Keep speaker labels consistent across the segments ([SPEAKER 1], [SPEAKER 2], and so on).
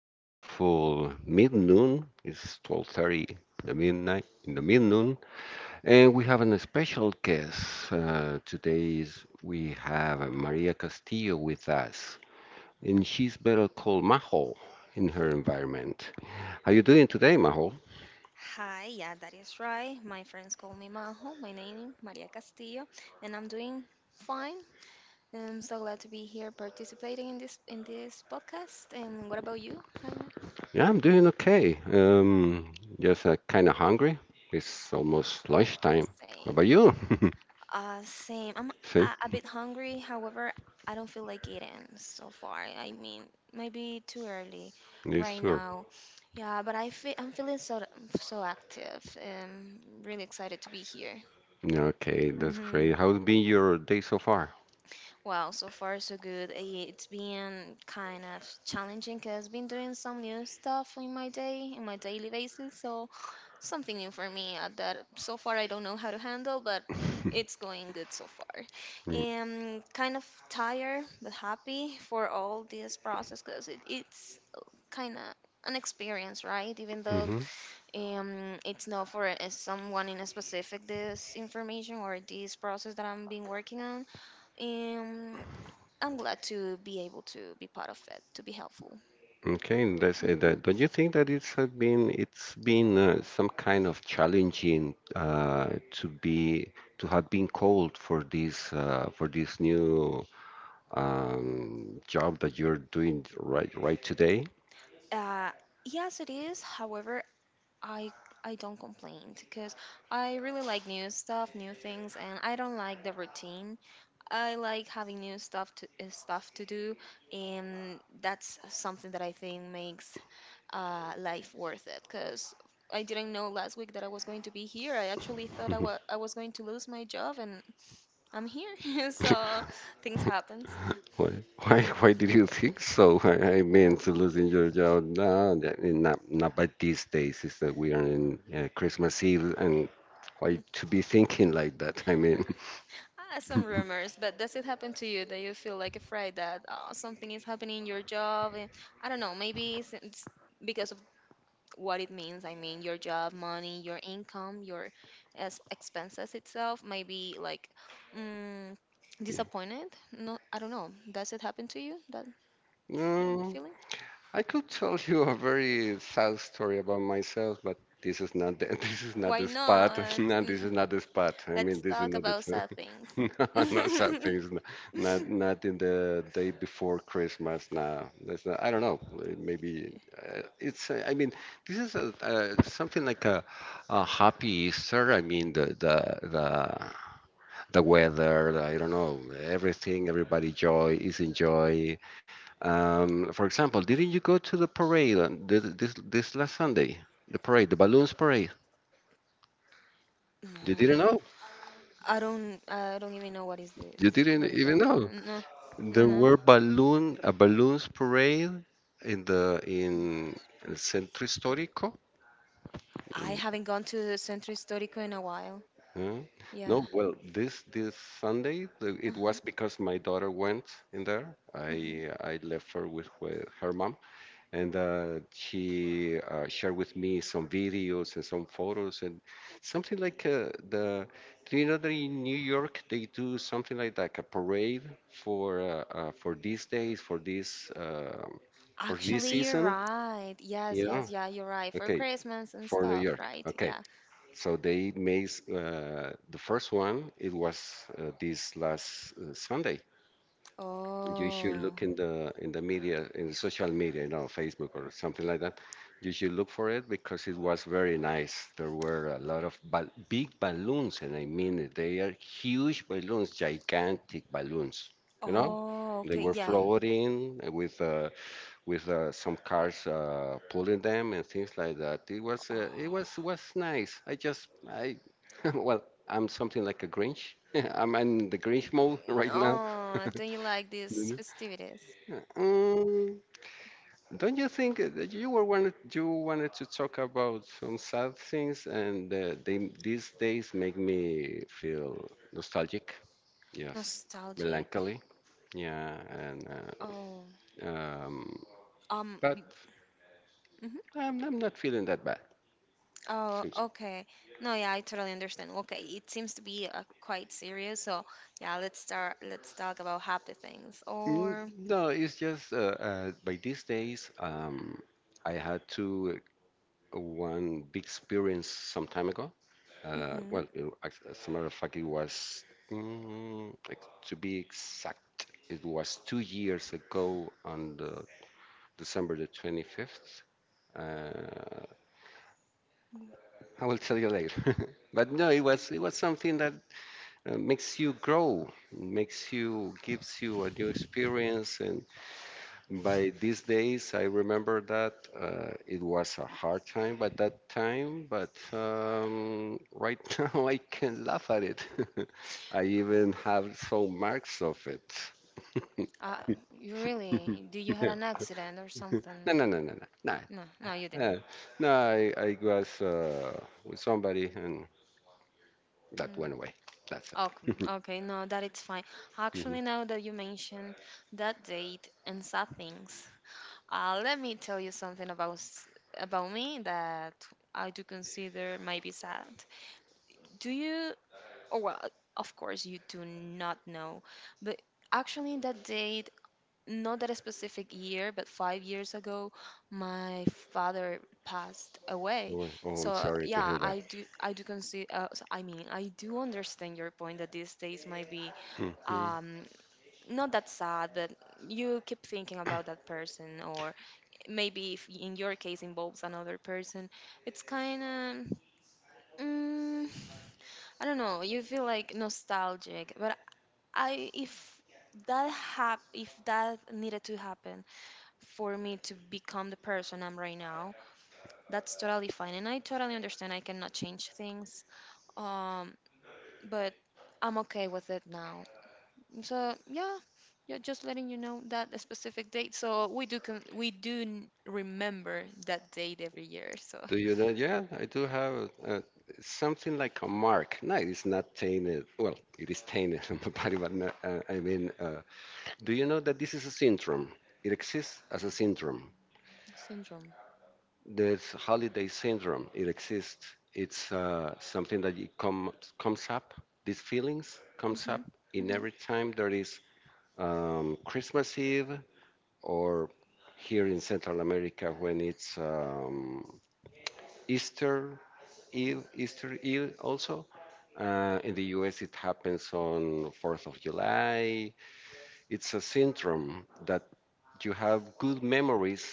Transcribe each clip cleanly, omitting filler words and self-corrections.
[SPEAKER 1] beautiful midnoon. It's 12:30, the midnight in the midnoon, and we have an special guest today. Is we have Maria Castillo with us, and she's better called Majo in her environment. How you doing today, Majo?
[SPEAKER 2] Hi, yeah, that is right. My friends call me Majo. My name Maria Castillo, and I'm doing fine. I'm so glad to be here participating in this podcast. And what about you, Jaime?
[SPEAKER 1] Yeah, I'm doing okay. Just kind of hungry. It's almost lunchtime. How about
[SPEAKER 2] Same.
[SPEAKER 1] you?
[SPEAKER 2] Same. I'm
[SPEAKER 1] See,
[SPEAKER 2] a bit hungry. However, I don't feel like eating so far. I mean, maybe too early
[SPEAKER 1] yes,
[SPEAKER 2] right
[SPEAKER 1] sir.
[SPEAKER 2] now. Yeah, but I'm feeling so active. Really excited to be here.
[SPEAKER 1] Okay, that's
[SPEAKER 2] Mm-hmm.
[SPEAKER 1] great. How's been your day so far?
[SPEAKER 2] Well, so far so good. It's been kind of challenging because I've been doing some new stuff in my daily basis. So something new for me that so far I don't know how to handle, but it's going good so far. Kind of tired but happy for all this process because it's kind of an experience, right? Even though
[SPEAKER 1] Mm-hmm.
[SPEAKER 2] it's not for someone in a specific this information or this process that I am been working on. Um, I'm glad to be able to be part of it, to be helpful.
[SPEAKER 1] Okay, and that's it.
[SPEAKER 2] Hmm.
[SPEAKER 1] Don't you think that it's been some kind of challenging to have been called for this new job that you're doing right today?
[SPEAKER 2] Uh, yes, it is. However, I I don't complain because I really like new stuff, new things, and I don't like the routine. I like having new stuff to stuff to do, and that's something that I think makes life worth it. Because I didn't know last week that I was going to be here. I actually thought I was going to lose my job, and I'm here. So things happens.
[SPEAKER 1] Why why did you think so? I
[SPEAKER 2] Yeah.
[SPEAKER 1] mean, to losing your job? No, not by these days. Is that we are in Christmas Eve, and why to be thinking like that? I mean,
[SPEAKER 2] Some rumors, but does it happen to you that you feel like afraid that oh, something is happening in your job? And I don't know, maybe it's because of what it means. I mean, your job, money, your income, your expenses itself. Maybe like mm, disappointed. No, I don't know. Does it happen to you that
[SPEAKER 1] Mm,
[SPEAKER 2] feeling?
[SPEAKER 1] I could tell you a very sad story about myself, but this is not the, this is not
[SPEAKER 2] Why
[SPEAKER 1] the spot.
[SPEAKER 2] not?
[SPEAKER 1] No, this
[SPEAKER 2] Mm,
[SPEAKER 1] is not the spot. I mean,
[SPEAKER 2] Let's
[SPEAKER 1] this is
[SPEAKER 2] talk
[SPEAKER 1] not the
[SPEAKER 2] about sad
[SPEAKER 1] time.
[SPEAKER 2] things.
[SPEAKER 1] No, not sad things. Not in the day before Christmas. No, that's not. I don't know. Maybe it's. I mean, this is something like a happy Easter. I mean, the weather, I don't know, everything, everybody joy is enjoy. For example, didn't you go to the parade on this last Sunday? The parade, the balloons parade.
[SPEAKER 2] No,
[SPEAKER 1] You didn't know.
[SPEAKER 2] I don't. I don't even know what is this. What
[SPEAKER 1] You
[SPEAKER 2] is that?
[SPEAKER 1] didn't
[SPEAKER 2] No,
[SPEAKER 1] even
[SPEAKER 2] no,
[SPEAKER 1] know.
[SPEAKER 2] no, no.
[SPEAKER 1] There were balloon a balloons parade in the in El Centro Histórico.
[SPEAKER 2] I
[SPEAKER 1] Mm,
[SPEAKER 2] haven't gone to Centro Histórico in a while.
[SPEAKER 1] huh?
[SPEAKER 2] Yeah.
[SPEAKER 1] No, well, this Sunday it
[SPEAKER 2] Uh-huh.
[SPEAKER 1] was because my daughter went in there.
[SPEAKER 2] Uh-huh.
[SPEAKER 1] I left her with her mom, and she shared with me some videos and some photos and something like the do you know that in New York they do something like a parade for for these days, for this
[SPEAKER 2] Actually, you're
[SPEAKER 1] season?
[SPEAKER 2] right. Yes,
[SPEAKER 1] Yeah,
[SPEAKER 2] yes, yeah, you're right. For
[SPEAKER 1] okay,
[SPEAKER 2] Christmas and
[SPEAKER 1] for New
[SPEAKER 2] stuff,
[SPEAKER 1] York.
[SPEAKER 2] right?
[SPEAKER 1] Okay,
[SPEAKER 2] Yeah.
[SPEAKER 1] so they made, the first one, it was this last Sunday. You should look
[SPEAKER 2] Oh.
[SPEAKER 1] in the media, in the social media, you know, Facebook or something like that. You should look for it because it was very nice. There were a lot of big balloons, and I mean it, they are huge balloons, gigantic balloons, you know.
[SPEAKER 2] Oh,
[SPEAKER 1] They
[SPEAKER 2] okay.
[SPEAKER 1] were
[SPEAKER 2] Yeah, yeah.
[SPEAKER 1] floating with some cars pulling them, and things like that. it was uh, it was
[SPEAKER 2] Oh.
[SPEAKER 1] was nice. I just I Well, I'm something like a Grinch. I'm in the Grinch mode right now.
[SPEAKER 2] Oh, don't you like these festivities?
[SPEAKER 1] Um, don't you think that you wanted to talk about some sad things, and they these days make me feel nostalgic. Yes,
[SPEAKER 2] Nostalgic.
[SPEAKER 1] melancholy. Yeah, and
[SPEAKER 2] Oh.
[SPEAKER 1] um,
[SPEAKER 2] Um.
[SPEAKER 1] but I'm not feeling that bad.
[SPEAKER 2] Oh,
[SPEAKER 1] Seems so.
[SPEAKER 2] okay. No, yeah, I totally understand. Okay, it seems to be quite serious. So, yeah, let's start. Let's talk about happy things.
[SPEAKER 1] Mm,
[SPEAKER 2] Or,
[SPEAKER 1] No, it's just by these days, I had to one big experience some time ago.
[SPEAKER 2] hmm
[SPEAKER 1] Well, as a matter of fact, it was, to be exact, it was 2 years ago on the December the 25th. Uh, I will tell you later. But no, it was something that makes you grow, makes you gives you a new experience, and by these days, I remember that it was a hard time by that time, but right now I can laugh at it. I even have some marks of it.
[SPEAKER 2] Uh, you really? Do you had
[SPEAKER 1] Yeah.
[SPEAKER 2] an accident or
[SPEAKER 1] No,
[SPEAKER 2] something?
[SPEAKER 1] no, no, no, no, no.
[SPEAKER 2] No, no, you
[SPEAKER 1] Uh,
[SPEAKER 2] didn't.
[SPEAKER 1] no, I was with somebody and that
[SPEAKER 2] Mm.
[SPEAKER 1] went away. That's
[SPEAKER 2] Okay,
[SPEAKER 1] it.
[SPEAKER 2] okay, no, that it's fine.
[SPEAKER 1] Mhm.
[SPEAKER 2] Actually, now that you mentioned that date and sad things, let me tell you something about about me that I do consider might be sad. Do you? Oh, well, of course, you do not know. But actually, in that date, not that specific year, but 5 years ago, my father passed away.
[SPEAKER 1] Oh, I'm
[SPEAKER 2] So
[SPEAKER 1] sorry to
[SPEAKER 2] yeah,
[SPEAKER 1] hear that.
[SPEAKER 2] I do consider. So, I mean, I do understand your point that these days might be
[SPEAKER 1] Mhm.
[SPEAKER 2] um, not that sad, but you keep thinking about that person, or maybe if in your case involves another person, it's kind of Mm, I don't know. You feel like nostalgic, but I if that hap if that needed to happen for me to become the person I'm right now, that's totally fine, and I totally understand. I cannot change things, um, but I'm okay with it now. So yeah, yeah, just letting you know that a specific date. So we do con- we do n- remember that date every year. So
[SPEAKER 1] Do you know? Yeah, I do have something like a mark. No, it's not tainted. Well, it is tainted on my body, but no, I mean, do you know that this is a syndrome? It exists as a syndrome.
[SPEAKER 2] syndrome.
[SPEAKER 1] There's holiday syndrome. It exists. It's something that comes up. These feelings comes up
[SPEAKER 2] Mhm.
[SPEAKER 1] in
[SPEAKER 2] Mhm.
[SPEAKER 1] every time there is Christmas Eve, or here in Central America when it's Easter Eve, Easter Eve also. In the US, it happens on 4th of July. It's a syndrome that you have good memories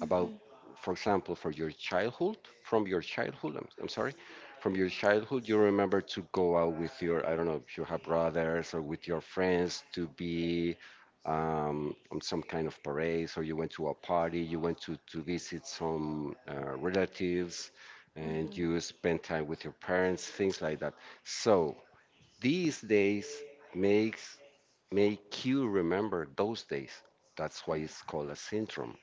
[SPEAKER 1] about,
[SPEAKER 2] Mhm.
[SPEAKER 1] for example, from your childhood, I'm sorry, from your childhood. You remember to go out with your, I don't know, if you have brothers, or with your friends to be on some kind of parades, or you went to a party, you went to visit some relatives, and
[SPEAKER 2] Mhm.
[SPEAKER 1] you spent time with your parents, things like that. So, these days makes make you remember those days. That's why it's called a syndrome,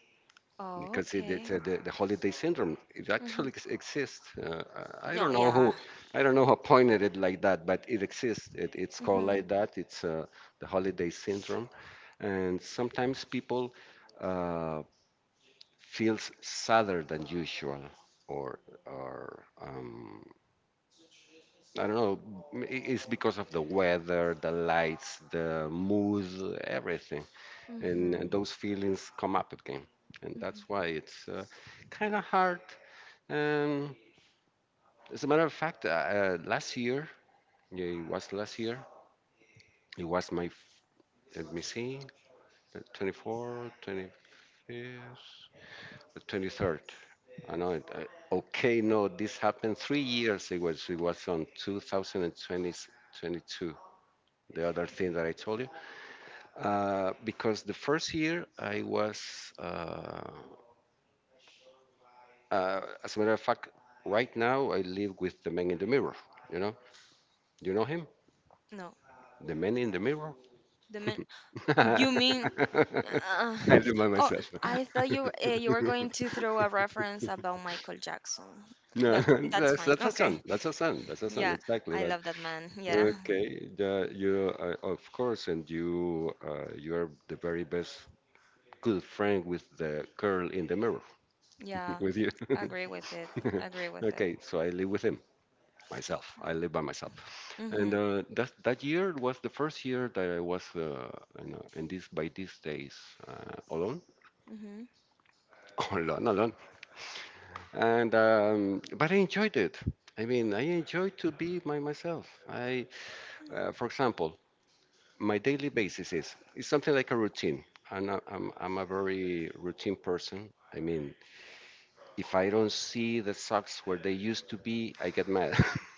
[SPEAKER 2] Oh,
[SPEAKER 1] because it's
[SPEAKER 2] okay.
[SPEAKER 1] the holiday syndrome. It actually
[SPEAKER 2] Hmm.
[SPEAKER 1] exists. I don't
[SPEAKER 2] No,
[SPEAKER 1] know
[SPEAKER 2] yeah.
[SPEAKER 1] who I don't know who pointed it like that, but it exists. It's called
[SPEAKER 2] Mm-hmm.
[SPEAKER 1] like that. It's the holiday syndrome, and sometimes people uh, feels sadder than usual, or or um, I don't know. It's because of the weather, the lights, the mood, everything, and
[SPEAKER 2] Mm-hmm.
[SPEAKER 1] those feelings come up again, and that's why
[SPEAKER 2] Mm-hmm.
[SPEAKER 1] it's kind of hard. Um, as a matter of fact, last year, yeah, it was last year. It was my let me see, the 24, 25th, the 23rd. I know it. Okay, no, this happened 3 years ago. So it was on 2020. The other thing that I told you. Because the first year as a matter of fact, right now I live with the man in the mirror. You know, you know him,
[SPEAKER 2] No,
[SPEAKER 1] the man in the mirror.
[SPEAKER 2] the min. You mean? Uh,
[SPEAKER 1] I remind
[SPEAKER 2] oh,
[SPEAKER 1] myself.
[SPEAKER 2] I thought you were going to throw a reference about Michael Jackson,
[SPEAKER 1] No,
[SPEAKER 2] but
[SPEAKER 1] no,
[SPEAKER 2] that's
[SPEAKER 1] that's
[SPEAKER 2] fine.
[SPEAKER 1] that's a
[SPEAKER 2] Okay.
[SPEAKER 1] son. That's a son. That's a son.
[SPEAKER 2] Yeah,
[SPEAKER 1] Exactly.
[SPEAKER 2] I
[SPEAKER 1] But
[SPEAKER 2] love that man. Yeah.
[SPEAKER 1] okay, you of course, and you are the very best good friend with the girl in the mirror.
[SPEAKER 2] Yeah.
[SPEAKER 1] With you.
[SPEAKER 2] Agree with it. Agree with it.
[SPEAKER 1] Okay, so I live with him myself. I live by myself, and
[SPEAKER 2] Mm-hmm.
[SPEAKER 1] that year was the first year that I was in this by these days alone,
[SPEAKER 2] Mm-hmm.
[SPEAKER 1] alone, alone. And but I enjoyed it. I mean, I enjoyed to be by myself. For example, my daily basis is something like a routine. I'm a very routine person. I mean, if I don't see the socks where they used to be, I get mad.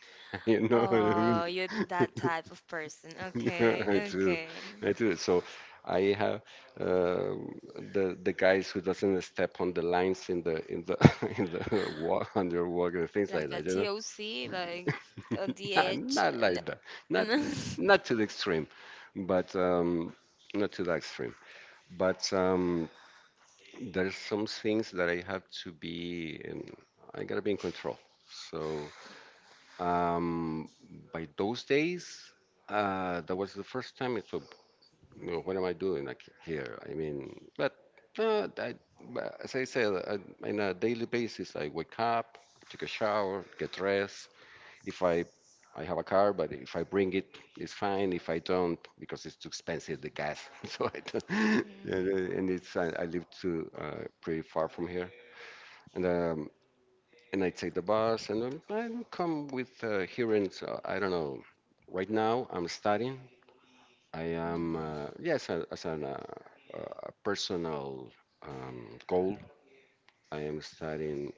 [SPEAKER 1] You know what I mean?
[SPEAKER 2] Oh, you're that type of person.
[SPEAKER 1] Yeah,
[SPEAKER 2] Okay.
[SPEAKER 1] I do.
[SPEAKER 2] Okay.
[SPEAKER 1] I do. So I have um, the guys who doesn't step on the lines in the in the walk underwalk and things
[SPEAKER 2] Like
[SPEAKER 1] like
[SPEAKER 2] a
[SPEAKER 1] that, you
[SPEAKER 2] TOC,
[SPEAKER 1] know?
[SPEAKER 2] like a D
[SPEAKER 1] Not,
[SPEAKER 2] H.
[SPEAKER 1] not
[SPEAKER 2] And.
[SPEAKER 1] like that. Not not to the extreme, but not to the extreme. But there's some things that I gotta be in control. So um, by those days, that was the first time. You know, what am I doing like here? I mean, but uh, I, but as I said, I, on a daily basis, I wake up, take a shower, get dressed, if I have a car. But if I bring it, it's fine. If I don't, because it's too expensive, the gas. So I don't.
[SPEAKER 2] Mm,
[SPEAKER 1] and and it's I live too pretty far from here, and um, and I take the bus, and I come with hearing. So I don't know. Right now, I'm studying. I am
[SPEAKER 2] really.
[SPEAKER 1] yes, as an a personal goal. I am studying.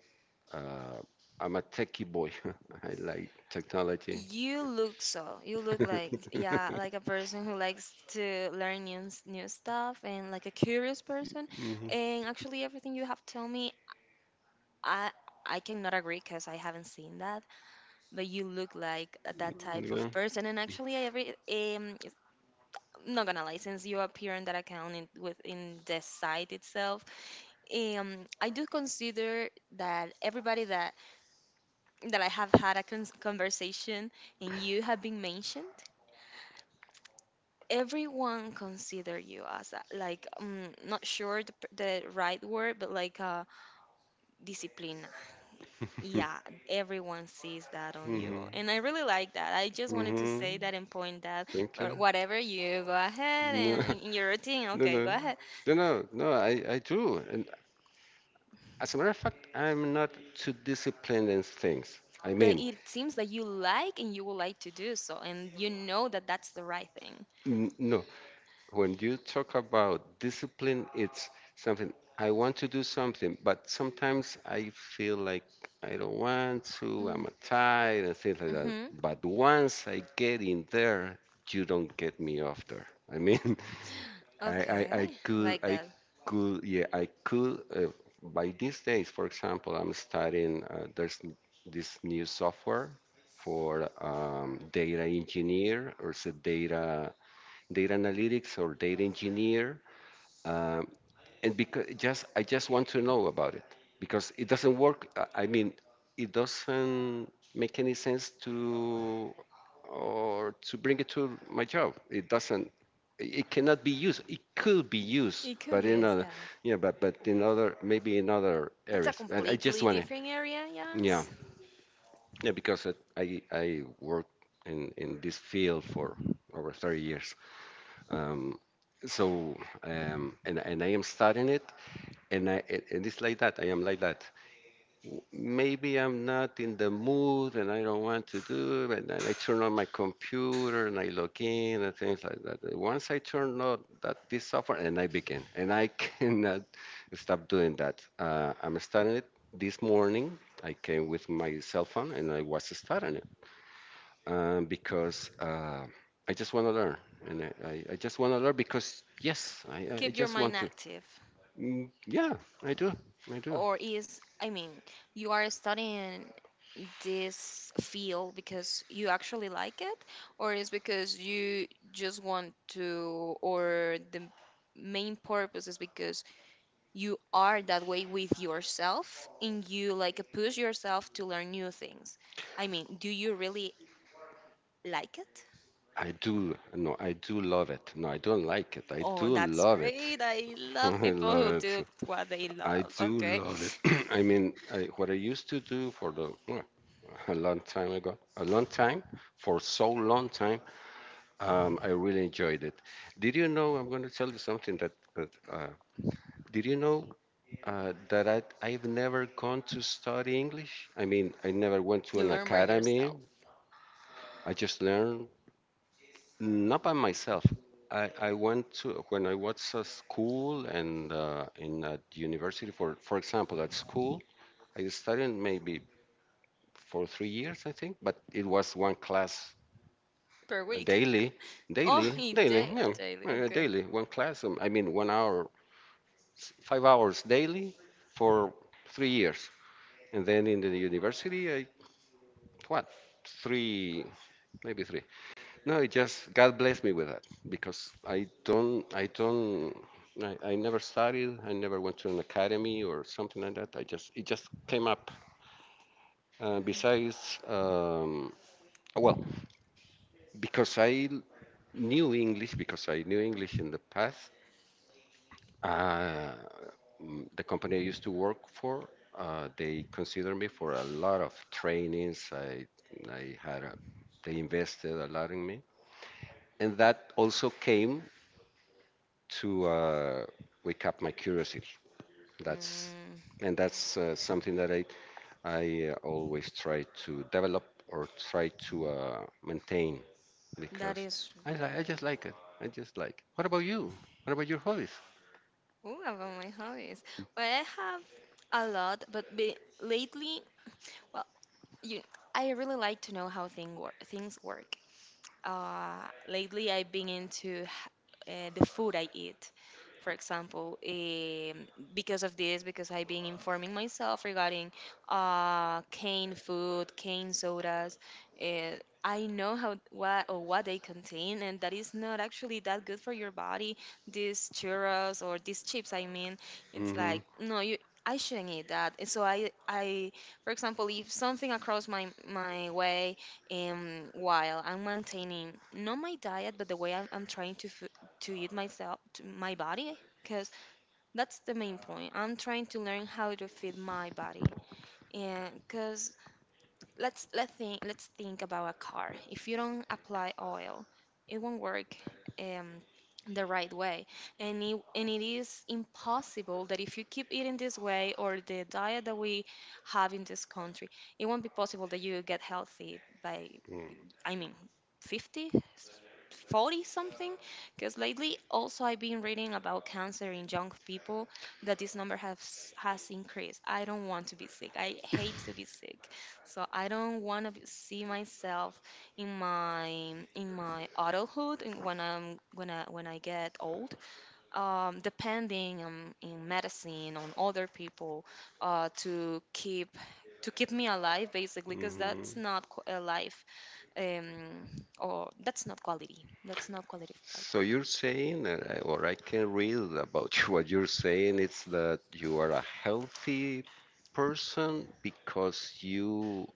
[SPEAKER 1] Uh, I'm a techie boy. I like technology.
[SPEAKER 2] You look so. You look like, yeah, like a person who likes to learn new stuff and like a curious person.
[SPEAKER 1] Mhm.
[SPEAKER 2] And actually, everything you have told me, I I cannot agree because I haven't seen that. But you look like that type
[SPEAKER 1] Yeah.
[SPEAKER 2] of person. And actually, I'm not gonna lie, since you appear on that account within the site itself, I do consider that everybody that I have had a cons conversation and you have been mentioned. Everyone consider you as a, like not sure the right word, but like disciplina. Yeah, everyone sees that on you,
[SPEAKER 1] Mhm.
[SPEAKER 2] and I really like that. I just wanted to say
[SPEAKER 1] Mhm.
[SPEAKER 2] that and point that
[SPEAKER 1] Thank
[SPEAKER 2] or
[SPEAKER 1] you.
[SPEAKER 2] whatever. You go ahead
[SPEAKER 1] No,
[SPEAKER 2] and in your routine.
[SPEAKER 1] no,
[SPEAKER 2] Okay, go
[SPEAKER 1] no,
[SPEAKER 2] ahead.
[SPEAKER 1] no, no, no. I do. And as a matter of fact, I'm not too disciplined in things. I
[SPEAKER 2] But
[SPEAKER 1] mean,
[SPEAKER 2] it seems that you like and you would like to do so, and you know that that's the right thing.
[SPEAKER 1] no. When you talk about discipline, it's something I want to do something, but sometimes I feel like I don't want to. I'm
[SPEAKER 2] Mm.
[SPEAKER 1] tired and things like that.
[SPEAKER 2] Mm-hmm.
[SPEAKER 1] But once I get in there, you don't get me off there. I mean. I
[SPEAKER 2] Okay.
[SPEAKER 1] could,
[SPEAKER 2] Like that,
[SPEAKER 1] yeah, I could. By these days, for example, I'm studying. There's this new software for data engineer, or is it data analytics or data engineer. Um, and because just I just want to know about it because it doesn't work. I mean, it doesn't make any sense to or to bring it to my job. It doesn't. It cannot be used. It could be used,
[SPEAKER 2] it could
[SPEAKER 1] but
[SPEAKER 2] be.
[SPEAKER 1] in
[SPEAKER 2] Yes,
[SPEAKER 1] other,
[SPEAKER 2] yeah,
[SPEAKER 1] yeah, but in other, maybe in other
[SPEAKER 2] it's a
[SPEAKER 1] areas. And I just
[SPEAKER 2] completely
[SPEAKER 1] want to,
[SPEAKER 2] different area.
[SPEAKER 1] yeah,
[SPEAKER 2] Yes,
[SPEAKER 1] yeah, because it, I worked in this field for over 30 years. Um, so and I am studying it and it's like that. I am like that. Maybe I'm not in the mood, and I don't want to do it. And then I turn on my computer and I log in and things like that. And once I turn on that this software, and I begin, and I cannot stop doing that. I'm starting it this morning. I came with my cell phone and I was starting it because I just want to learn, and I just want to learn because yes, I
[SPEAKER 2] keep your
[SPEAKER 1] just
[SPEAKER 2] mind
[SPEAKER 1] want to.
[SPEAKER 2] active.
[SPEAKER 1] Mm, yeah, I do. I do.
[SPEAKER 2] Or is, I mean, you are studying this field because you actually like it? Or is because you just want to? Or the main purpose is because you are that way with yourself and you like push yourself to learn new things? I mean, do you really like it?
[SPEAKER 1] I do. No, I do love it. No, I don't like it. I
[SPEAKER 2] Oh,
[SPEAKER 1] do
[SPEAKER 2] that's
[SPEAKER 1] love it.
[SPEAKER 2] great. I love
[SPEAKER 1] I
[SPEAKER 2] people
[SPEAKER 1] love
[SPEAKER 2] who do
[SPEAKER 1] it.
[SPEAKER 2] what they
[SPEAKER 1] I
[SPEAKER 2] love.
[SPEAKER 1] do
[SPEAKER 2] Okay.
[SPEAKER 1] love it. I mean, I, what I used to do for the well, a long time ago, a long time, for so long time, I really enjoyed it. Did you know? I'm going to tell you something that did you know that I've never gone to study English? I mean, I never went to
[SPEAKER 2] You
[SPEAKER 1] an
[SPEAKER 2] learn by
[SPEAKER 1] academy.
[SPEAKER 2] yourself
[SPEAKER 1] I just learned not by myself. I went to when I was at school and in at university. For example, at school, I studied maybe for 3 years, I think. But it was one class
[SPEAKER 2] per week?
[SPEAKER 1] daily,
[SPEAKER 2] Oh,
[SPEAKER 1] daily,
[SPEAKER 2] he
[SPEAKER 1] daily,
[SPEAKER 2] day oh,
[SPEAKER 1] yeah,
[SPEAKER 2] daily.
[SPEAKER 1] yeah,
[SPEAKER 2] Okay.
[SPEAKER 1] daily. One class. I mean, 1 hour, 5 hours daily for 3 years. And then in the university, I what? Three, maybe three. No, it just God blessed me with that because I never studied. I never went to an academy or something like that. I just, it just came up. Besides, well, because I knew English, because I knew English in the past, uh, the company I used to work for, they considered me for a lot of trainings. I had a, they invested a lot in me. And that also came to wake up my curiosity. That's
[SPEAKER 2] Mm,
[SPEAKER 1] and that's something that I always try to develop or try to maintain
[SPEAKER 2] that
[SPEAKER 1] because
[SPEAKER 2] is
[SPEAKER 1] I just
[SPEAKER 2] great.
[SPEAKER 1] like it. I just like. What about you? What about your hobbies?
[SPEAKER 2] Ooh, about my hobbies. Well, I have a lot, but lately, well, you, I really like to know how things work. Lately I've been into the food I eat. For example, because of this, because I've been informing myself regarding cane food, cane sodas, uh, I know how what or what they contain, and that is not actually that good for your body. These churros or these chips, I mean, it's
[SPEAKER 1] Hmm.
[SPEAKER 2] like no, you I shouldn't eat that. And so I, for example, if something across my way and while I'm maintaining not my diet but the way I'm trying to eat myself to my body, because that's the main point I'm trying to learn how to feed my body. And because let's think about a car, if you don't apply oil, it won't work um the right way. And it, and it is impossible that if you keep eating this way or the diet that we have in this country, it won't be possible that you get healthy by, I mean, 50, 40 something. Because lately, also, I've been reading about cancer in young people that this number has increased. I don't want to be sick. I hate to be sick, so I don't want to see myself in my adulthood and when I get old. Depending in medicine on other people uh, to keep to keep me alive, basically, because that's
[SPEAKER 1] Mm-hmm.
[SPEAKER 2] not a life, um, or that's not quality. That's not quality of life.
[SPEAKER 1] So you're saying that I- or I can read about what you're saying, it's that you are a healthy person because you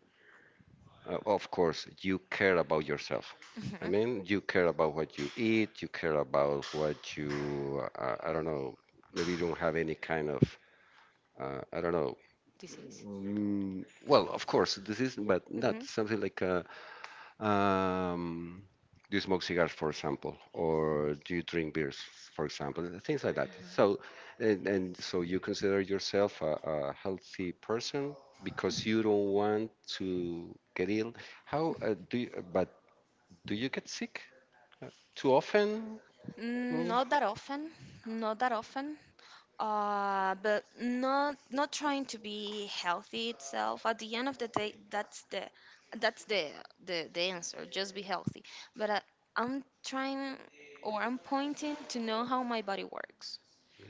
[SPEAKER 1] Of course, you care about yourself. I
[SPEAKER 2] Mhm.
[SPEAKER 1] mean, you care about what you eat, you care about what you, I don't know, maybe you don't have any kind of, I don't know.
[SPEAKER 2] Disease.
[SPEAKER 1] Mm, well, of course, this is, but not
[SPEAKER 2] hmm
[SPEAKER 1] something like a, um, do you smoke cigars, for example, or do you drink beers, for example, and things like that. So, and so you consider yourself a healthy person because you don't want to get ill. How do you, but do you get sick too often? Mm?
[SPEAKER 2] Not that often. Not that often. But not trying to be healthy itself. At the end of the day, that's that's the the answer. Just be healthy. But I'm trying or I'm pointing to know how my body works.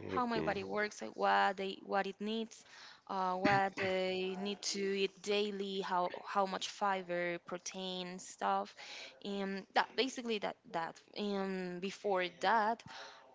[SPEAKER 2] How my
[SPEAKER 1] Okay.
[SPEAKER 2] body works, like what it needs, what they need to eat daily, how much fiber, protein, stuff, and that basically that. And before that,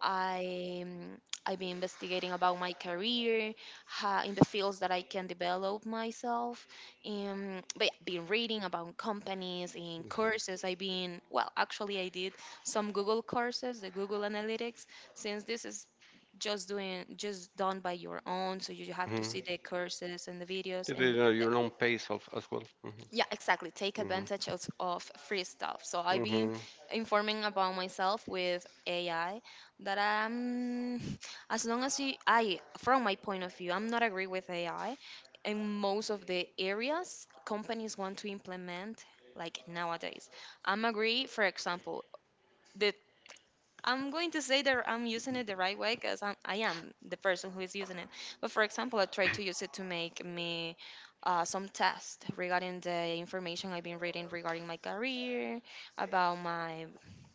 [SPEAKER 2] I um, I've been investigating about my career, ha in the fields that I can develop myself. But yeah, been reading about companies and courses. I've been well, actually, I did some Google courses, the Google Analytics, since this is just doing just done by your own, so you have to
[SPEAKER 1] Mhm.
[SPEAKER 2] see the courses and the videos.
[SPEAKER 1] You do it
[SPEAKER 2] And
[SPEAKER 1] at your own pace of, as well. Mhm.
[SPEAKER 2] yeah, exactly, take
[SPEAKER 1] Mhm.
[SPEAKER 2] advantage of free stuff. So I've been
[SPEAKER 1] Mhm.
[SPEAKER 2] informing about myself with AI. That I'm as long as you I From my point of view, I'm not agree with AI in most of the areas companies want to implement, like nowadays. I'm agree, for example, the I'm going to say that I'm using it the right way because I am the person who is using it. But for example, I try to use it to make me some tests regarding the information I've been reading regarding my career, about my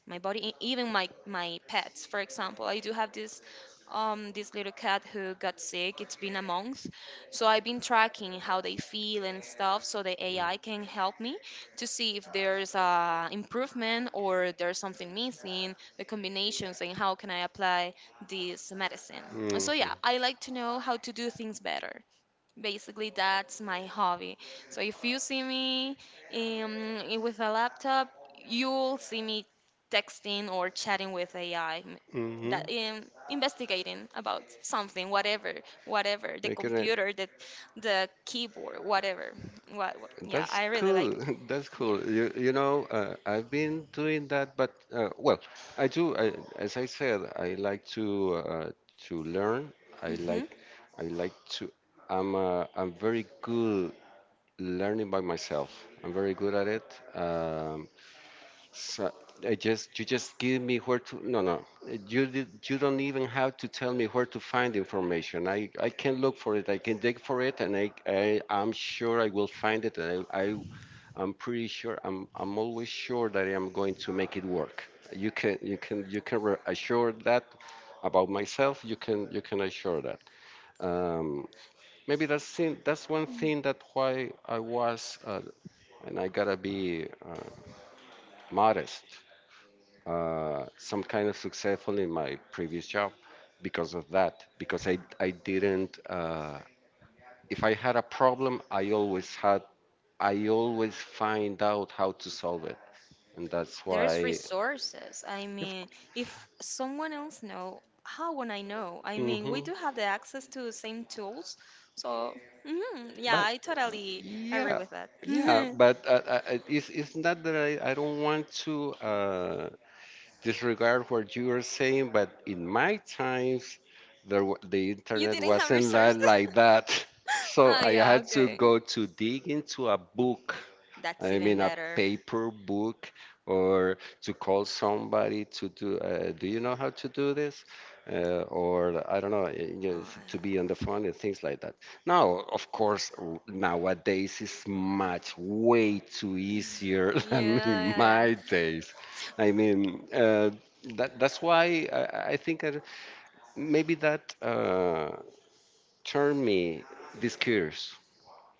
[SPEAKER 2] my body, even my pets. For example, I do have this this little cat who got sick. It's been a month, so I've been tracking how they feel and stuff, so the AI can help me to see if there's improvement or there's something missing, the combinations and how can I apply this medicine. So yeah,
[SPEAKER 1] Mhm.
[SPEAKER 2] I like to know how to do things better. Basically, that's my hobby. So if you see me with a laptop, you'll see me texting or chatting with AI. That
[SPEAKER 1] Mhm.
[SPEAKER 2] Investigating about something, whatever, whatever, the
[SPEAKER 1] Make it.
[SPEAKER 2] computer, the keyboard, whatever. What? Yeah,
[SPEAKER 1] That's
[SPEAKER 2] I really
[SPEAKER 1] cool.
[SPEAKER 2] like it.
[SPEAKER 1] That's
[SPEAKER 2] Yeah.
[SPEAKER 1] cool. You know, I've been doing that, but well, I do. I, as I said, I like to learn. I
[SPEAKER 2] Mhm.
[SPEAKER 1] like I like to. I'm very good learning by myself. I'm very good at it. Um, so I just You just give me where to. No, no. You don't even have to tell me where to find information. I can look for it. I can dig for it, and I am sure I will find it. And I'm pretty sure. I'm always sure that I am going to make it work. Assure that about myself. You can assure that. Um, Maybe that's thing, that's one thing that why I was and I gotta be modest. Some kind of successful in my previous job because of that. Because I didn't. If I had a problem, I always had. I always find out how to solve it and that's
[SPEAKER 2] There's
[SPEAKER 1] why.
[SPEAKER 2] resources. I
[SPEAKER 1] Of,
[SPEAKER 2] mean, if someone else know, how would I know? I mean, we
[SPEAKER 1] mm.
[SPEAKER 2] do have the access to the same tools. So, mhm, yeah,
[SPEAKER 1] But
[SPEAKER 2] I totally agree
[SPEAKER 1] yeah,
[SPEAKER 2] with that.
[SPEAKER 1] yeah. But it's not that I don't want to disregard what you are saying. But in my times, the
[SPEAKER 2] You
[SPEAKER 1] internet
[SPEAKER 2] didn't have
[SPEAKER 1] wasn't
[SPEAKER 2] resources?
[SPEAKER 1] like that, so
[SPEAKER 2] Oh,
[SPEAKER 1] I
[SPEAKER 2] yeah,
[SPEAKER 1] had to
[SPEAKER 2] okay.
[SPEAKER 1] go to dig into a book.
[SPEAKER 2] That's
[SPEAKER 1] I
[SPEAKER 2] even
[SPEAKER 1] mean, a
[SPEAKER 2] better.
[SPEAKER 1] paper book, or to call somebody to do. Do you know how to do this? Or I don't know, you know,
[SPEAKER 2] Uh,
[SPEAKER 1] to be on the phone and things like that. Now, of course, nowadays is much way too easier than
[SPEAKER 2] yeah,
[SPEAKER 1] in
[SPEAKER 2] yeah, yeah.
[SPEAKER 1] my days. I mean, that's why I think that maybe that turned me this curious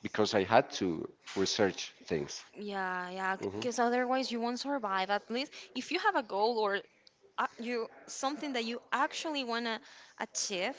[SPEAKER 1] because I had to research things.
[SPEAKER 2] Yeah, yeah,
[SPEAKER 1] Hmm.
[SPEAKER 2] because otherwise you won't survive. At least if you have a goal or you something that you actually want to achieve,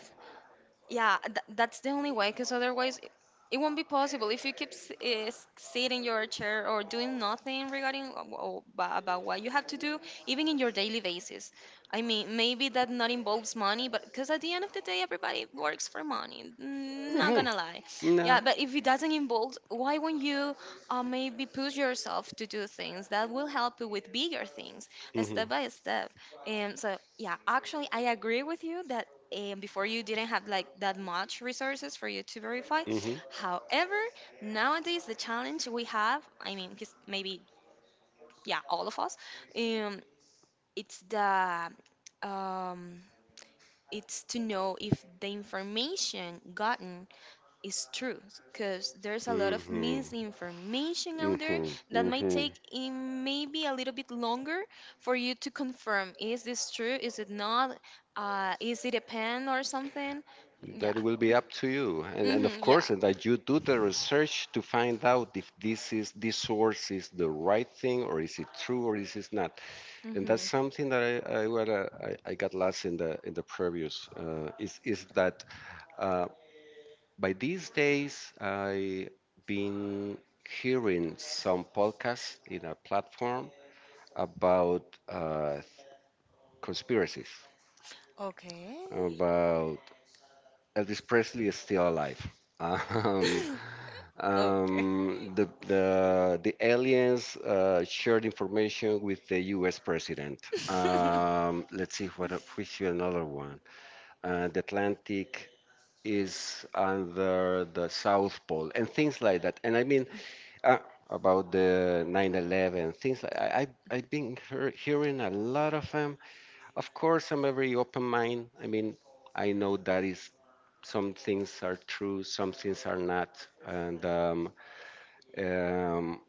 [SPEAKER 2] yeah, that's the only way, because otherwise it won't be possible if you keep s- is sitting in your chair or doing nothing regarding about what you have to do even in your daily basis. I mean, maybe that not involves money, but because at the end of the day everybody works for money, not
[SPEAKER 1] Hmm.
[SPEAKER 2] gonna lie.
[SPEAKER 1] No.
[SPEAKER 2] Yeah, but if it doesn't involve, why won't you maybe push yourself to do things that will help you with bigger things,
[SPEAKER 1] Hmm.
[SPEAKER 2] step by step. And so yeah, actually I agree with you that, and before you didn't have like that much resources for you to verify.
[SPEAKER 1] Hmm.
[SPEAKER 2] However, nowadays the challenge we have, I mean, 'cause maybe yeah, all of us, um, it's the um, it's to know if the information gotten is true, because there's a lot of
[SPEAKER 1] Hmm.
[SPEAKER 2] misinformation out there
[SPEAKER 1] Hmm.
[SPEAKER 2] that
[SPEAKER 1] Hmm.
[SPEAKER 2] might
[SPEAKER 1] Hmm.
[SPEAKER 2] take in maybe a little bit longer for you to confirm, is this true, is it not, is it a pen or something? Yeah.
[SPEAKER 1] That it will be up to you. And
[SPEAKER 2] Mhm,
[SPEAKER 1] of
[SPEAKER 2] yeah.
[SPEAKER 1] course, and that you do the research to find out if this is this source is the right thing or is it true or is it not. And that's
[SPEAKER 2] Mhm.
[SPEAKER 1] something that I got lost in the previous is that uh, by these days I been hearing some podcasts in a platform about uh, conspiracies
[SPEAKER 2] Okay.
[SPEAKER 1] about Elvis Presley is still alive. Um,
[SPEAKER 2] Okay.
[SPEAKER 1] the aliens shared information with the U.S. president. Let's see what which is another one. The Atlantic is under the South Pole and things like that. And I mean uh, about the 9/11 things like I've been hearing a lot of them. Of course, I'm a very open mind. I mean, I know that is some things are true, some things are not, and um,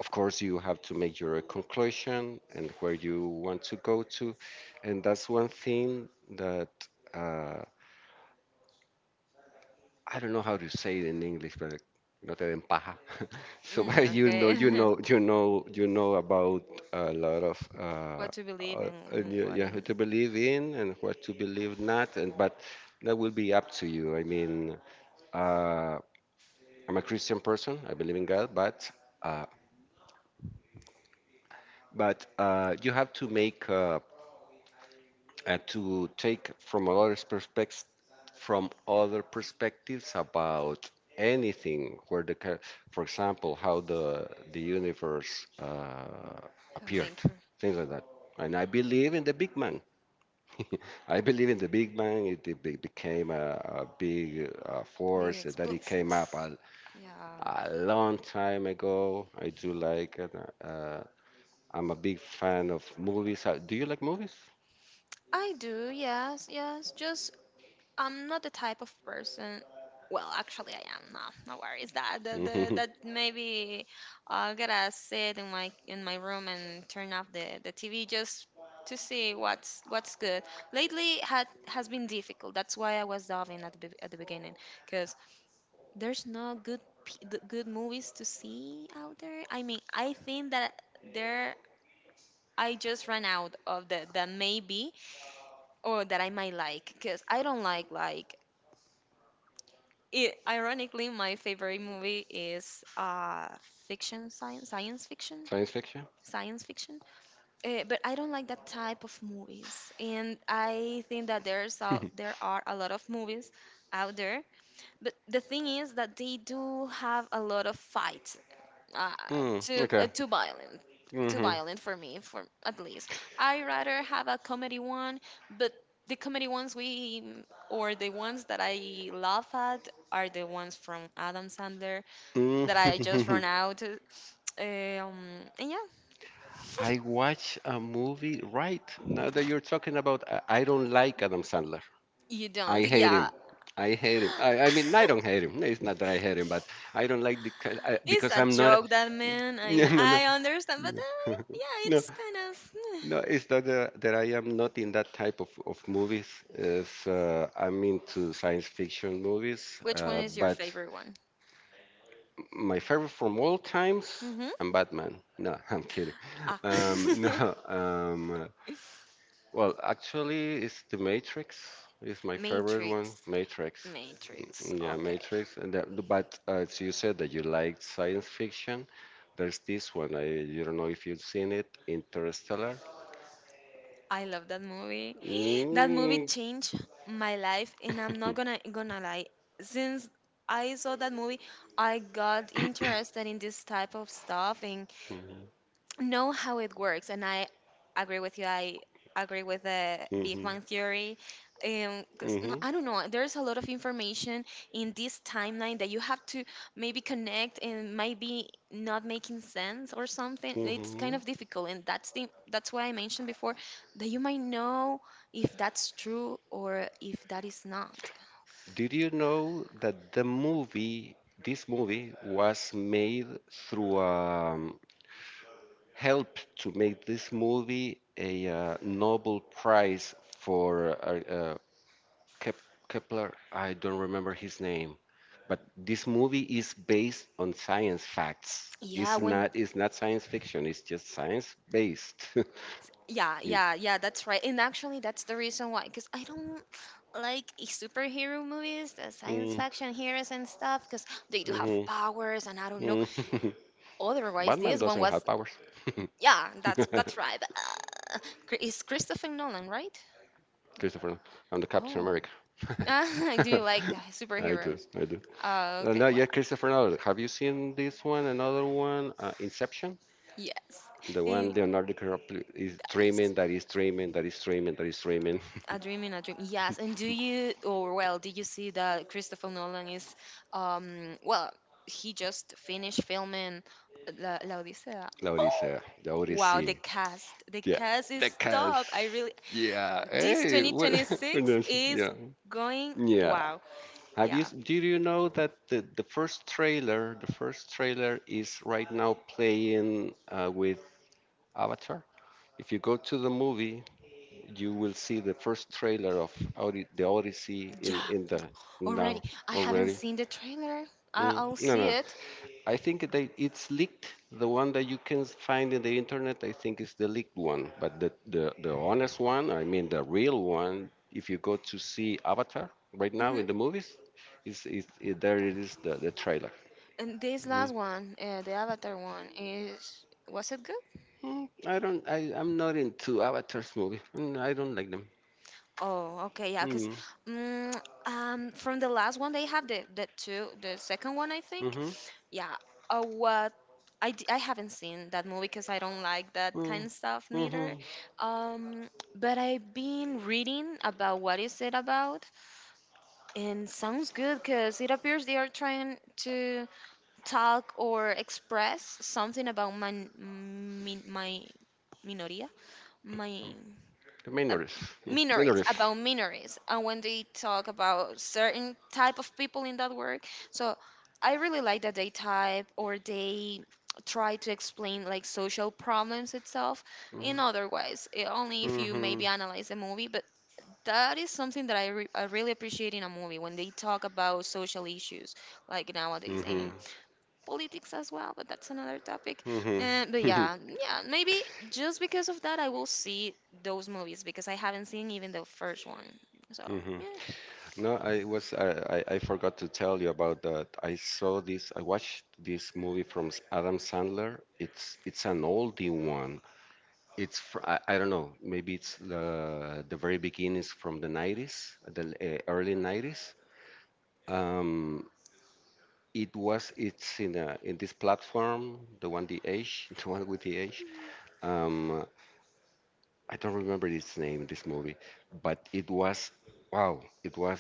[SPEAKER 1] of course, you have to make your conclusion and where you want to go to, and that's one thing that. Uh, I don't know how to say it in English, but no te den paja. So but
[SPEAKER 2] Mm, okay.
[SPEAKER 1] you know about a lot of
[SPEAKER 2] What to believe
[SPEAKER 1] and
[SPEAKER 2] in
[SPEAKER 1] you,
[SPEAKER 2] what,
[SPEAKER 1] you have
[SPEAKER 2] in
[SPEAKER 1] to believe in and what to believe not, and but that will be up to you. I mean, uh, I'm a Christian person. I believe in God, but uh, you have to make. And to take from other perspectives about anything where for example how the universe appeared
[SPEAKER 2] having
[SPEAKER 1] things like that. And I believe in the big man. I believe in the big man. It became a big
[SPEAKER 2] big
[SPEAKER 1] force that it
[SPEAKER 2] explosion.
[SPEAKER 1] came up
[SPEAKER 2] Yeah.
[SPEAKER 1] a long time ago. I do like it. uh, I'm a big fan of movies. Do you like movies?
[SPEAKER 2] I do, yes, yes. Just I'm not the type of person. Well, actually, I am. No, no worries. That maybe I'll gotta sit in my room and turn off the TV just to see what's good. Lately, had has been difficult. That's why I was diving at at the beginning, because there's no good the good movies to see out there. I mean, I think that there I just ran out of the maybe or that I might like, because I don't like it, ironically, my favorite movie is fiction,
[SPEAKER 1] Science fiction.
[SPEAKER 2] science fiction. But I don't like that type of movies, and I think that there are a lot of movies out there. But the thing is that they do have a lot of fight, uh,
[SPEAKER 1] Mm, okay.
[SPEAKER 2] too violent, too
[SPEAKER 1] Mm-hmm.
[SPEAKER 2] violent for me. For at least I rather have a comedy one, but the comedy ones we or the ones that I laugh at are the ones from Adam Sandler that I just
[SPEAKER 1] Mm.
[SPEAKER 2] run out, and yeah.
[SPEAKER 1] I watch a movie right now that you're talking about. I don't like Adam Sandler.
[SPEAKER 2] You
[SPEAKER 1] I
[SPEAKER 2] don't,
[SPEAKER 1] hate
[SPEAKER 2] yeah.
[SPEAKER 1] him. I hate him. I don't hate him. It's not that I hate him, but I don't like
[SPEAKER 2] It's
[SPEAKER 1] because
[SPEAKER 2] a
[SPEAKER 1] I'm not.
[SPEAKER 2] joke, that man, I
[SPEAKER 1] No,
[SPEAKER 2] mean
[SPEAKER 1] no, no,
[SPEAKER 2] I understand, but
[SPEAKER 1] no,
[SPEAKER 2] yeah,
[SPEAKER 1] no,
[SPEAKER 2] it's kind of eh.
[SPEAKER 1] no. It's not that I am not in that type of movies. It's, I'm into science fiction movies,
[SPEAKER 2] Which one is your
[SPEAKER 1] but
[SPEAKER 2] favorite one?
[SPEAKER 1] my favorite from all times,
[SPEAKER 2] Mm-hmm.
[SPEAKER 1] I'm Batman. No, I'm kidding.
[SPEAKER 2] Ah.
[SPEAKER 1] No, um, well, actually, it's The Matrix. It's my favorite one,
[SPEAKER 2] Matrix.
[SPEAKER 1] Matrix.
[SPEAKER 2] Matrix,
[SPEAKER 1] Yeah,
[SPEAKER 2] okay.
[SPEAKER 1] Matrix. And that, but so you said that you liked science fiction. There's this one. I You don't know if you've seen it, Interstellar.
[SPEAKER 2] I love that movie. That movie
[SPEAKER 1] Mm.
[SPEAKER 2] changed my life, and I'm not gonna lie. Since I saw that movie, I got interested in this type of stuff, and know how it works. And I agree with you, I agree with the Big
[SPEAKER 1] Mhm,
[SPEAKER 2] Bang theory, 'cause, no,
[SPEAKER 1] mhm,
[SPEAKER 2] I don't know, there's a lot of information in this timeline that you have to maybe connect and might be not making sense or something. It's kind
[SPEAKER 1] mhm.
[SPEAKER 2] of difficult, and that's the that's why I mentioned before that you might know if that's true or if that is not.
[SPEAKER 1] Did you know that this movie, was made through help to make this movie a Nobel Prize for Kep- Kepler? I don't remember his name, but this movie is based on science facts.
[SPEAKER 2] Yeah, when.
[SPEAKER 1] It's not science fiction. It's just science based.
[SPEAKER 2] Yeah,
[SPEAKER 1] Mm.
[SPEAKER 2] yeah, yeah, that's right. And actually, that's the reason why, because I don't like superhero movies, the science
[SPEAKER 1] Mm,
[SPEAKER 2] fiction heroes and stuff, because they do have
[SPEAKER 1] mhm,
[SPEAKER 2] powers, and I don't know.
[SPEAKER 1] mm.
[SPEAKER 2] Otherwise,
[SPEAKER 1] Batman
[SPEAKER 2] this one
[SPEAKER 1] doesn't have
[SPEAKER 2] was,
[SPEAKER 1] powers.
[SPEAKER 2] yeah, that's right. It's Christopher Nolan, right?
[SPEAKER 1] Christopher, I'm the Captain
[SPEAKER 2] Oh.
[SPEAKER 1] America.
[SPEAKER 2] Do you like
[SPEAKER 1] I do,
[SPEAKER 2] superheroes?
[SPEAKER 1] I do.
[SPEAKER 2] Okay,
[SPEAKER 1] No,
[SPEAKER 2] well,
[SPEAKER 1] yeah, Christopher Nolan. Have you seen this one? Another one, Inception.
[SPEAKER 2] yes,
[SPEAKER 1] The one
[SPEAKER 2] and
[SPEAKER 1] Leonardo DiCaprio is
[SPEAKER 2] that is
[SPEAKER 1] dreaming, that is dreaming, that is dreaming, that is dreaming.
[SPEAKER 2] A Dream in a Dream. Yes, and do you, or well, did you see that Christopher Nolan is well, he just finished filming La, La Odisea.
[SPEAKER 1] La
[SPEAKER 2] Oh,
[SPEAKER 1] Odisea, the
[SPEAKER 2] wow, the
[SPEAKER 1] Odyssey.
[SPEAKER 2] cast. The
[SPEAKER 1] Yeah,
[SPEAKER 2] cast
[SPEAKER 1] the
[SPEAKER 2] is
[SPEAKER 1] cast.
[SPEAKER 2] top. I really
[SPEAKER 1] Yeah.
[SPEAKER 2] this
[SPEAKER 1] Hey, what? What
[SPEAKER 2] 2026
[SPEAKER 1] else?
[SPEAKER 2] is
[SPEAKER 1] Yeah,
[SPEAKER 2] going
[SPEAKER 1] yeah.
[SPEAKER 2] wow.
[SPEAKER 1] Have you?
[SPEAKER 2] Yeah.
[SPEAKER 1] Did you know that the first trailer, the first trailer is right now playing with Avatar? If you go to the movie, you will see the first trailer of Audi, the Odyssey
[SPEAKER 2] Yeah.
[SPEAKER 1] in the now
[SPEAKER 2] Already. I haven't
[SPEAKER 1] already.
[SPEAKER 2] seen the trailer.
[SPEAKER 1] Mm,
[SPEAKER 2] I'll
[SPEAKER 1] no,
[SPEAKER 2] see
[SPEAKER 1] no.
[SPEAKER 2] it.
[SPEAKER 1] I think that it's leaked. The one that you can find in the internet, I think, is the leaked one. But the honest one, I mean, the real one, if you go to see Avatar right now
[SPEAKER 2] Hmm.
[SPEAKER 1] in the movies, there it is, the trailer.
[SPEAKER 2] And this
[SPEAKER 1] Mm.
[SPEAKER 2] last one, the Avatar one, is, was it good?
[SPEAKER 1] I don't, I'm not into Avatar's movie. I don't like them.
[SPEAKER 2] Oh, okay, yeah, because
[SPEAKER 1] Mm,
[SPEAKER 2] um, from the last one they have the two, the second one I think,
[SPEAKER 1] mm-hmm,
[SPEAKER 2] yeah. Uh, what I haven't seen that movie because I don't like that
[SPEAKER 1] mm,
[SPEAKER 2] kind of stuff
[SPEAKER 1] mm-hmm.
[SPEAKER 2] neither. Um, but I've been reading about what is it about, and sounds good because it appears they are trying to talk or express something about my minoria, my uh,
[SPEAKER 1] Minors. Mm,
[SPEAKER 2] minorities,
[SPEAKER 1] Minors.
[SPEAKER 2] about minorities. And when they talk about certain type of people in that work, so I really like that they type or they try to explain like social problems itself in other ways, only
[SPEAKER 1] Hmm
[SPEAKER 2] if you
[SPEAKER 1] Mm-hmm.
[SPEAKER 2] maybe analyze the movie, but that is something that I really appreciate in a movie, when they talk about social issues like nowadays
[SPEAKER 1] Mm-hmm.
[SPEAKER 2] and politics as well, but that's another topic. But
[SPEAKER 1] Mm-hmm.
[SPEAKER 2] yeah, yeah, maybe just because of that, I will see those movies, because I haven't seen even the first one. So
[SPEAKER 1] Mm-hmm.
[SPEAKER 2] yeah.
[SPEAKER 1] No, I was I forgot to tell you about that. I saw this. I watched this movie from Adam Sandler. It's an oldie one. I don't know. Maybe it's the very beginnings from the 90s, the early 90s. Um, it's in a in this platform, the one the age, the one with the age. Um, I don't remember its name, this movie, but it was wow. It was.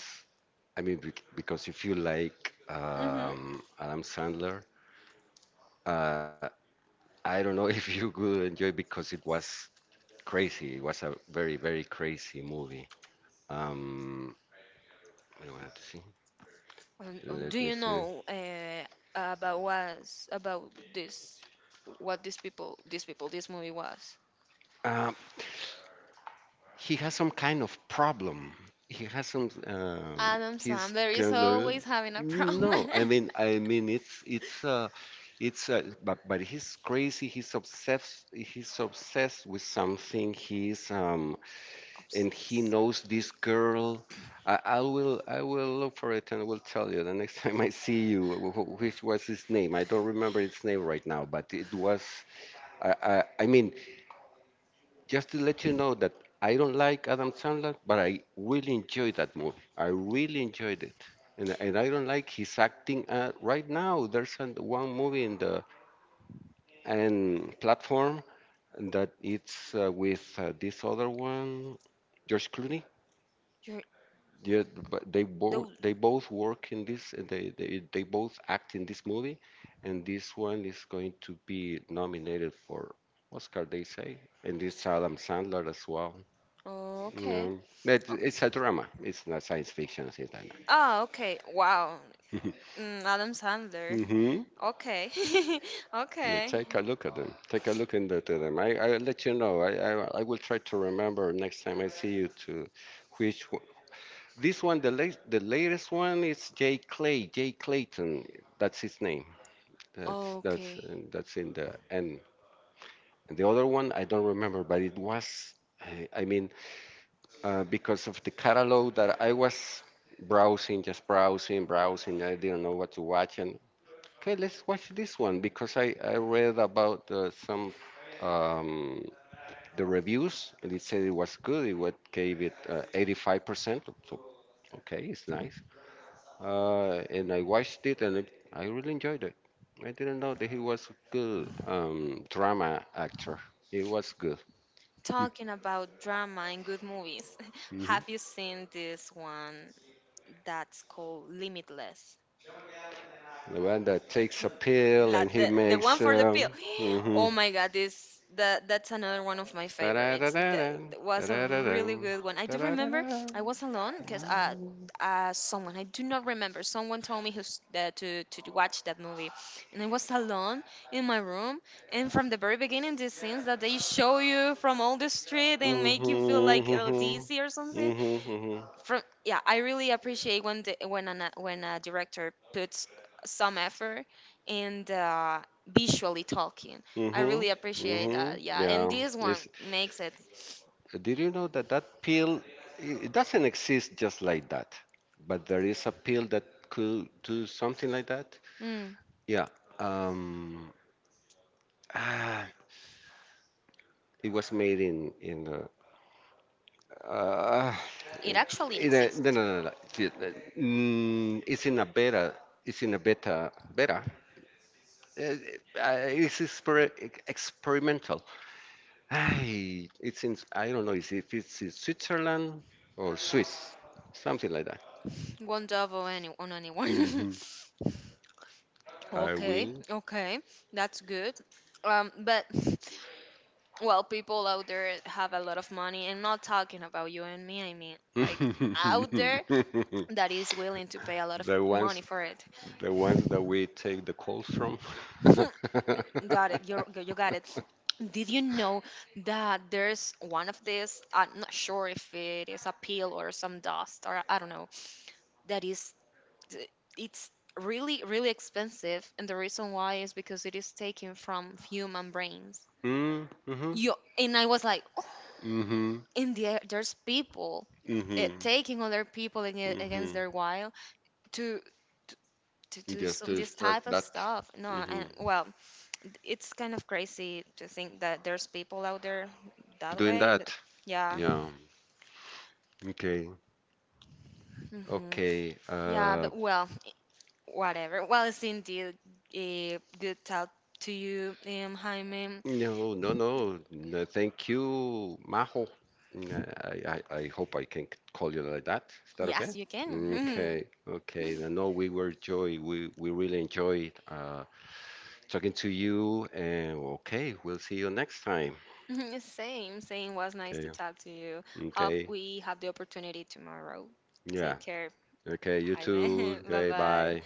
[SPEAKER 1] I mean, because if you like
[SPEAKER 2] Mhm.
[SPEAKER 1] Adam Sandler, uh, I don't know if you would enjoy because it was crazy. It was a very crazy movie. Um, I wanted to see.
[SPEAKER 2] Do
[SPEAKER 1] Let me
[SPEAKER 2] you
[SPEAKER 1] see.
[SPEAKER 2] know about, was about this? What these people, this movie was?
[SPEAKER 1] Um, he has some kind of problem. He has some.
[SPEAKER 2] Adam
[SPEAKER 1] He's
[SPEAKER 2] Sandler is
[SPEAKER 1] going
[SPEAKER 2] always having a
[SPEAKER 1] no,
[SPEAKER 2] problem.
[SPEAKER 1] I mean, I mean, it's but he's crazy. He's obsessed. He's obsessed with something. He's and he
[SPEAKER 2] Obsessed.
[SPEAKER 1] knows this girl. I will look for it and I will tell you the next time I see you. Which was his name? I don't remember its name right now, but it was. I mean, just to let you know that I don't like Adam Sandler, but I really enjoyed that movie. I really enjoyed it. And I don't like his acting. Right now, there's one movie in the and platform that it's with this other one, George Clooney.
[SPEAKER 2] You're
[SPEAKER 1] Yeah, but they both
[SPEAKER 2] dude.
[SPEAKER 1] they both work in this. They both act in this movie, and this one is going to be nominated for Oscar. They say, and it's Adam Sandler as well.
[SPEAKER 2] Okay.
[SPEAKER 1] No, but
[SPEAKER 2] Oh,
[SPEAKER 1] it's a drama. It's not science fiction. It's not.
[SPEAKER 2] oh, okay. Wow. Mm, Adam Sandler.
[SPEAKER 1] hmm
[SPEAKER 2] Okay.
[SPEAKER 1] Yeah,
[SPEAKER 2] Okay.
[SPEAKER 1] take a look at them. Take a look into them. I, I'll let you know. I will try to remember next time I see you to which one. This one, the latest one is Jay Clayton. That's his name. That's that's
[SPEAKER 2] Okay.
[SPEAKER 1] uh, that's in the end. And the other one I don't remember, but it was. I mean, because of the catalog that I was browsing, just browsing. I didn't know what to watch, and okay, let's watch this one because I read about some um, the reviews and it said it was good. It what gave it 85%. So okay, it's nice. And I watched it and it, I really enjoyed it. I didn't know that he was a good drama actor. He was good.
[SPEAKER 2] Talking about drama and good movies,
[SPEAKER 1] Hmm
[SPEAKER 2] have you seen this one that's called Limitless?
[SPEAKER 1] The one that takes a pill
[SPEAKER 2] La,
[SPEAKER 1] and he
[SPEAKER 2] the one
[SPEAKER 1] makes.
[SPEAKER 2] for the pill.
[SPEAKER 1] Hmm
[SPEAKER 2] Oh my god, this that that's another one of my favorites.
[SPEAKER 1] da-da-da-da-da,
[SPEAKER 2] That was a
[SPEAKER 1] da-da-da-da,
[SPEAKER 2] really good one. I
[SPEAKER 1] da
[SPEAKER 2] do
[SPEAKER 1] da da da da
[SPEAKER 2] remember
[SPEAKER 1] da
[SPEAKER 2] I was alone,
[SPEAKER 1] da
[SPEAKER 2] because
[SPEAKER 1] da da da.
[SPEAKER 2] someone, I do not remember, someone told me, who's that, to watch that movie, and I was alone in my room. And from the very beginning, these scenes that they show you from all the street and make you feel
[SPEAKER 1] Mhm,
[SPEAKER 2] like LDC or something,
[SPEAKER 1] mhm, mhm,
[SPEAKER 2] from yeah, I really appreciate when when a director puts some effort, and visually talking,
[SPEAKER 1] mhm,
[SPEAKER 2] I
[SPEAKER 1] mhm,
[SPEAKER 2] really appreciate
[SPEAKER 1] mhm.
[SPEAKER 2] that. Yeah, and
[SPEAKER 1] Yeah.
[SPEAKER 2] this one
[SPEAKER 1] It's,
[SPEAKER 2] makes it,
[SPEAKER 1] did you know that that pill it doesn't exist just like that, but there is a pill that could do something like that.
[SPEAKER 2] mm,
[SPEAKER 1] Yeah. Um. Ah, it was made in the. Uh,
[SPEAKER 2] it actually
[SPEAKER 1] in a, no,
[SPEAKER 2] exists,
[SPEAKER 1] no, no, no. It's, mm, it's in a beta. It's in a beta. Uh, It's experimental. Ay, it's in, I don't know if it's in Switzerland or Swiss, something like that.
[SPEAKER 2] won't double any on anyone.
[SPEAKER 1] Hmm Are
[SPEAKER 2] Okay,
[SPEAKER 1] we?
[SPEAKER 2] okay, that's good. But well, people out there have a lot of money, and not talking about you and me, I mean like out there that is willing to pay a lot of
[SPEAKER 1] The
[SPEAKER 2] money
[SPEAKER 1] ones,
[SPEAKER 2] for it.
[SPEAKER 1] the ones that we take the calls from.
[SPEAKER 2] Got it. You got it. Did you know that there's one of these? I'm not sure if it is a peel or some dust or I don't know. That is, it's really really expensive, and the reason why is because it is taken from human brains.
[SPEAKER 1] Mm. hmm
[SPEAKER 2] You, and I was like, oh,
[SPEAKER 1] hmm
[SPEAKER 2] and there's people
[SPEAKER 1] hmm
[SPEAKER 2] taking other people against
[SPEAKER 1] hmm
[SPEAKER 2] their will to to, to do
[SPEAKER 1] Just to
[SPEAKER 2] some this type
[SPEAKER 1] extract
[SPEAKER 2] of
[SPEAKER 1] that.
[SPEAKER 2] stuff. No,
[SPEAKER 1] Hmm
[SPEAKER 2] and well, it's kind of crazy to think that there's people out there that
[SPEAKER 1] Doing
[SPEAKER 2] way. But
[SPEAKER 1] that.
[SPEAKER 2] yeah.
[SPEAKER 1] Yeah. Okay.
[SPEAKER 2] Hmm.
[SPEAKER 1] Okay.
[SPEAKER 2] Yeah, but well, whatever. Well, it's indeed a good talk to you, Jaime.
[SPEAKER 1] No, no, no. No, thank you, Majo. Mm, I hope I can call you like that. Is that okay?
[SPEAKER 2] Yes, you can.
[SPEAKER 1] Okay, okay. I know we were joy. We really enjoyed talking to you. And okay, we'll see you next time.
[SPEAKER 2] Same, was nice to
[SPEAKER 1] Okay,
[SPEAKER 2] talk to you. Hope
[SPEAKER 1] okay.
[SPEAKER 2] we have the opportunity tomorrow.
[SPEAKER 1] Yeah.
[SPEAKER 2] Take care,
[SPEAKER 1] Okay. You too.
[SPEAKER 2] Jaime. Bye
[SPEAKER 1] Okay.
[SPEAKER 2] bye.
[SPEAKER 1] Bye.